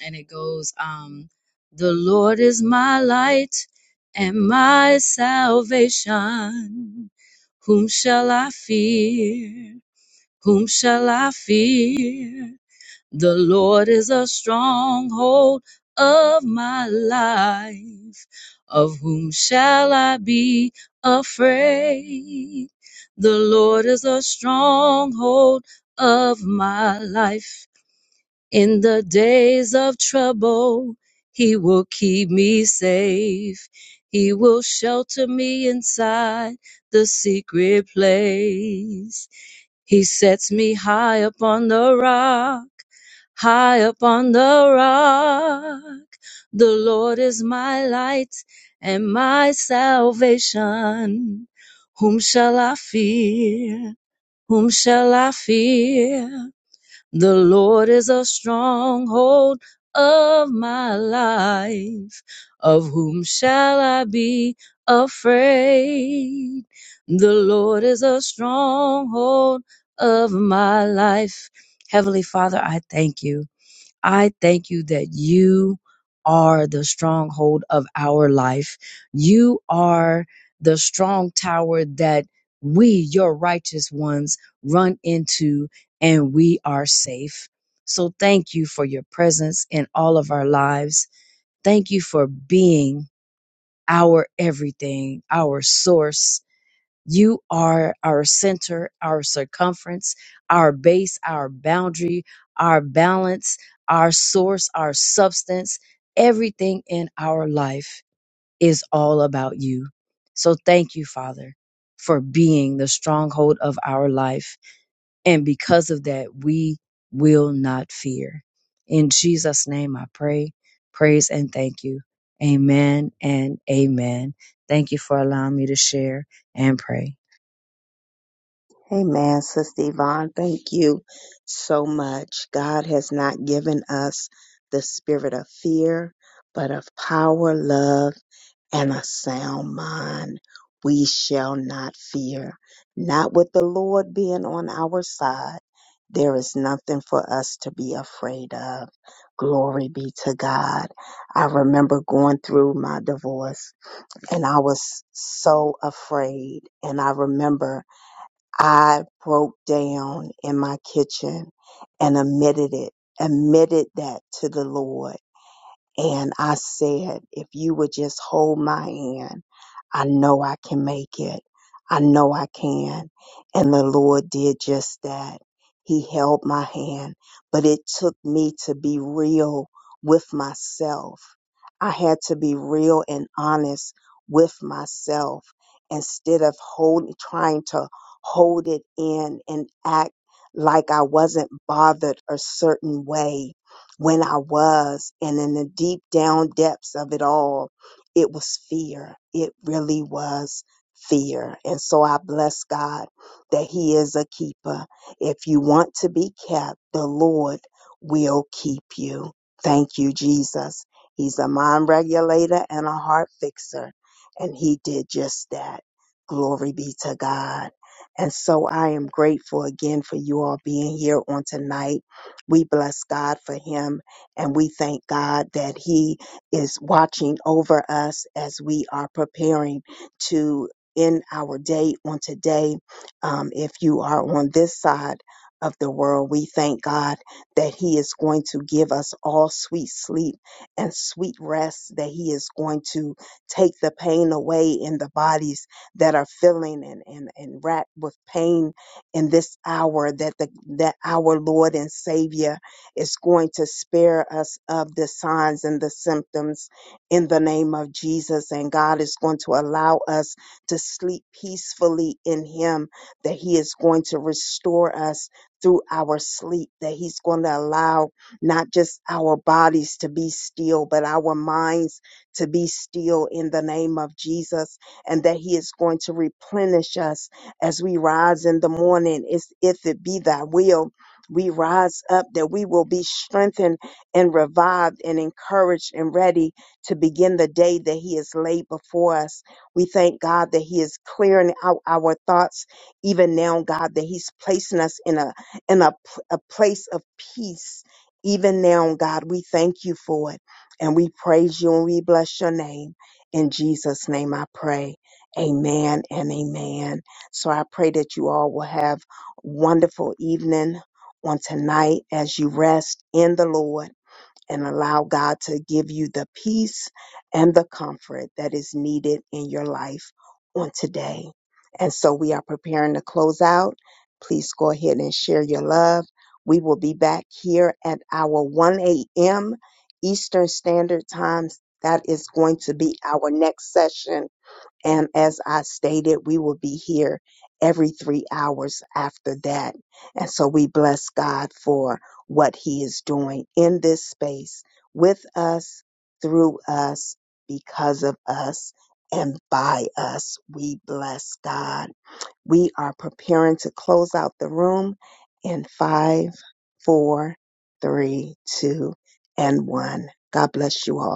[SPEAKER 6] and it goes, um, The Lord is my light and my salvation. Whom shall I fear? Whom shall I fear? The Lord is a stronghold of my life. Of whom shall I be afraid? The Lord is a stronghold of my life. In the days of trouble, he will keep me safe. He will shelter me inside the secret place. He sets me high upon the rock high upon the rock. The Lord is my light and my salvation. Whom shall I fear? Whom shall I fear? The Lord is a stronghold of my life. Of whom shall I be afraid? The Lord is a stronghold of my life. Heavenly Father, I thank you. I thank you that you are the stronghold of our life. You are the strong tower that we, your righteous ones, run into and we are safe. So thank you for your presence in all of our lives. Thank you for being our everything, our source, you are our center, our circumference, our base, our boundary, our balance, our source, our substance. Everything in our life is all about you. So thank you, Father, for being the stronghold of our life. And because of that, we will not fear. In Jesus' name, I pray, praise, and thank you. Amen and amen. Thank you for allowing me to share and pray.
[SPEAKER 1] Amen, Sister Yvonne. Thank you so much. God has not given us the spirit of fear, but of power, love, and a sound mind. We shall not fear. Not with the Lord being on our side. There is nothing for us to be afraid of. Glory be to God. I remember going through my divorce and I was so afraid. And I remember I broke down in my kitchen and admitted it, admitted that to the Lord. And I said, if you would just hold my hand, I know I can make it. I know I can. And the Lord did just that. He held my hand, but it took me to be real with myself. I had to be real and honest with myself instead of hold, trying to hold it in and act like I wasn't bothered a certain way when I was. And in the deep down depths of it all, it was fear. It really was fear. And so I bless God that He is a keeper. If you want to be kept, the Lord will keep you. Thank you, Jesus. He's a mind regulator and a heart fixer. And He did just that. Glory be to God. And so I am grateful again for you all being here on tonight. We bless God for him and we thank God that he is watching over us as we are preparing to end our day on today. Um, if you are on this side of the world, we thank God that he is going to give us all sweet sleep and sweet rest, that he is going to take the pain away in the bodies that are feeling and, and, and racked with pain in this hour that the that our Lord and Savior is going to spare us of the signs and the symptoms in the name of Jesus and God is going to allow us to sleep peacefully in him that he is going to restore us through our sleep that he's going to allow not just our bodies to be still but our minds to be still in the name of Jesus and that he is going to replenish us as we rise in the morning, is if it be thy will, we rise up that we will be strengthened and revived and encouraged and ready to begin the day that he has laid before us. We thank God that he is clearing out our thoughts even now, God, that he's placing us in a in a, p- a place of peace. Even now, God, we thank you for it and we praise you and we bless your name. In Jesus' name I pray. Amen and amen. So I pray that you all will have wonderful evening on tonight as you rest in the Lord and allow God to give you the peace and the comfort that is needed in your life on today. And so we are preparing to close out. Please go ahead and share your love. We will be back here at our 1 a.m. Eastern Standard Time. That is going to be our next session and as I stated, we will be here every three hours after that. And so we bless God for what he is doing in this space with us, through us, because of us, and by us. We bless God. We are preparing to close out the room in five, four, three, two, and one. God bless you all.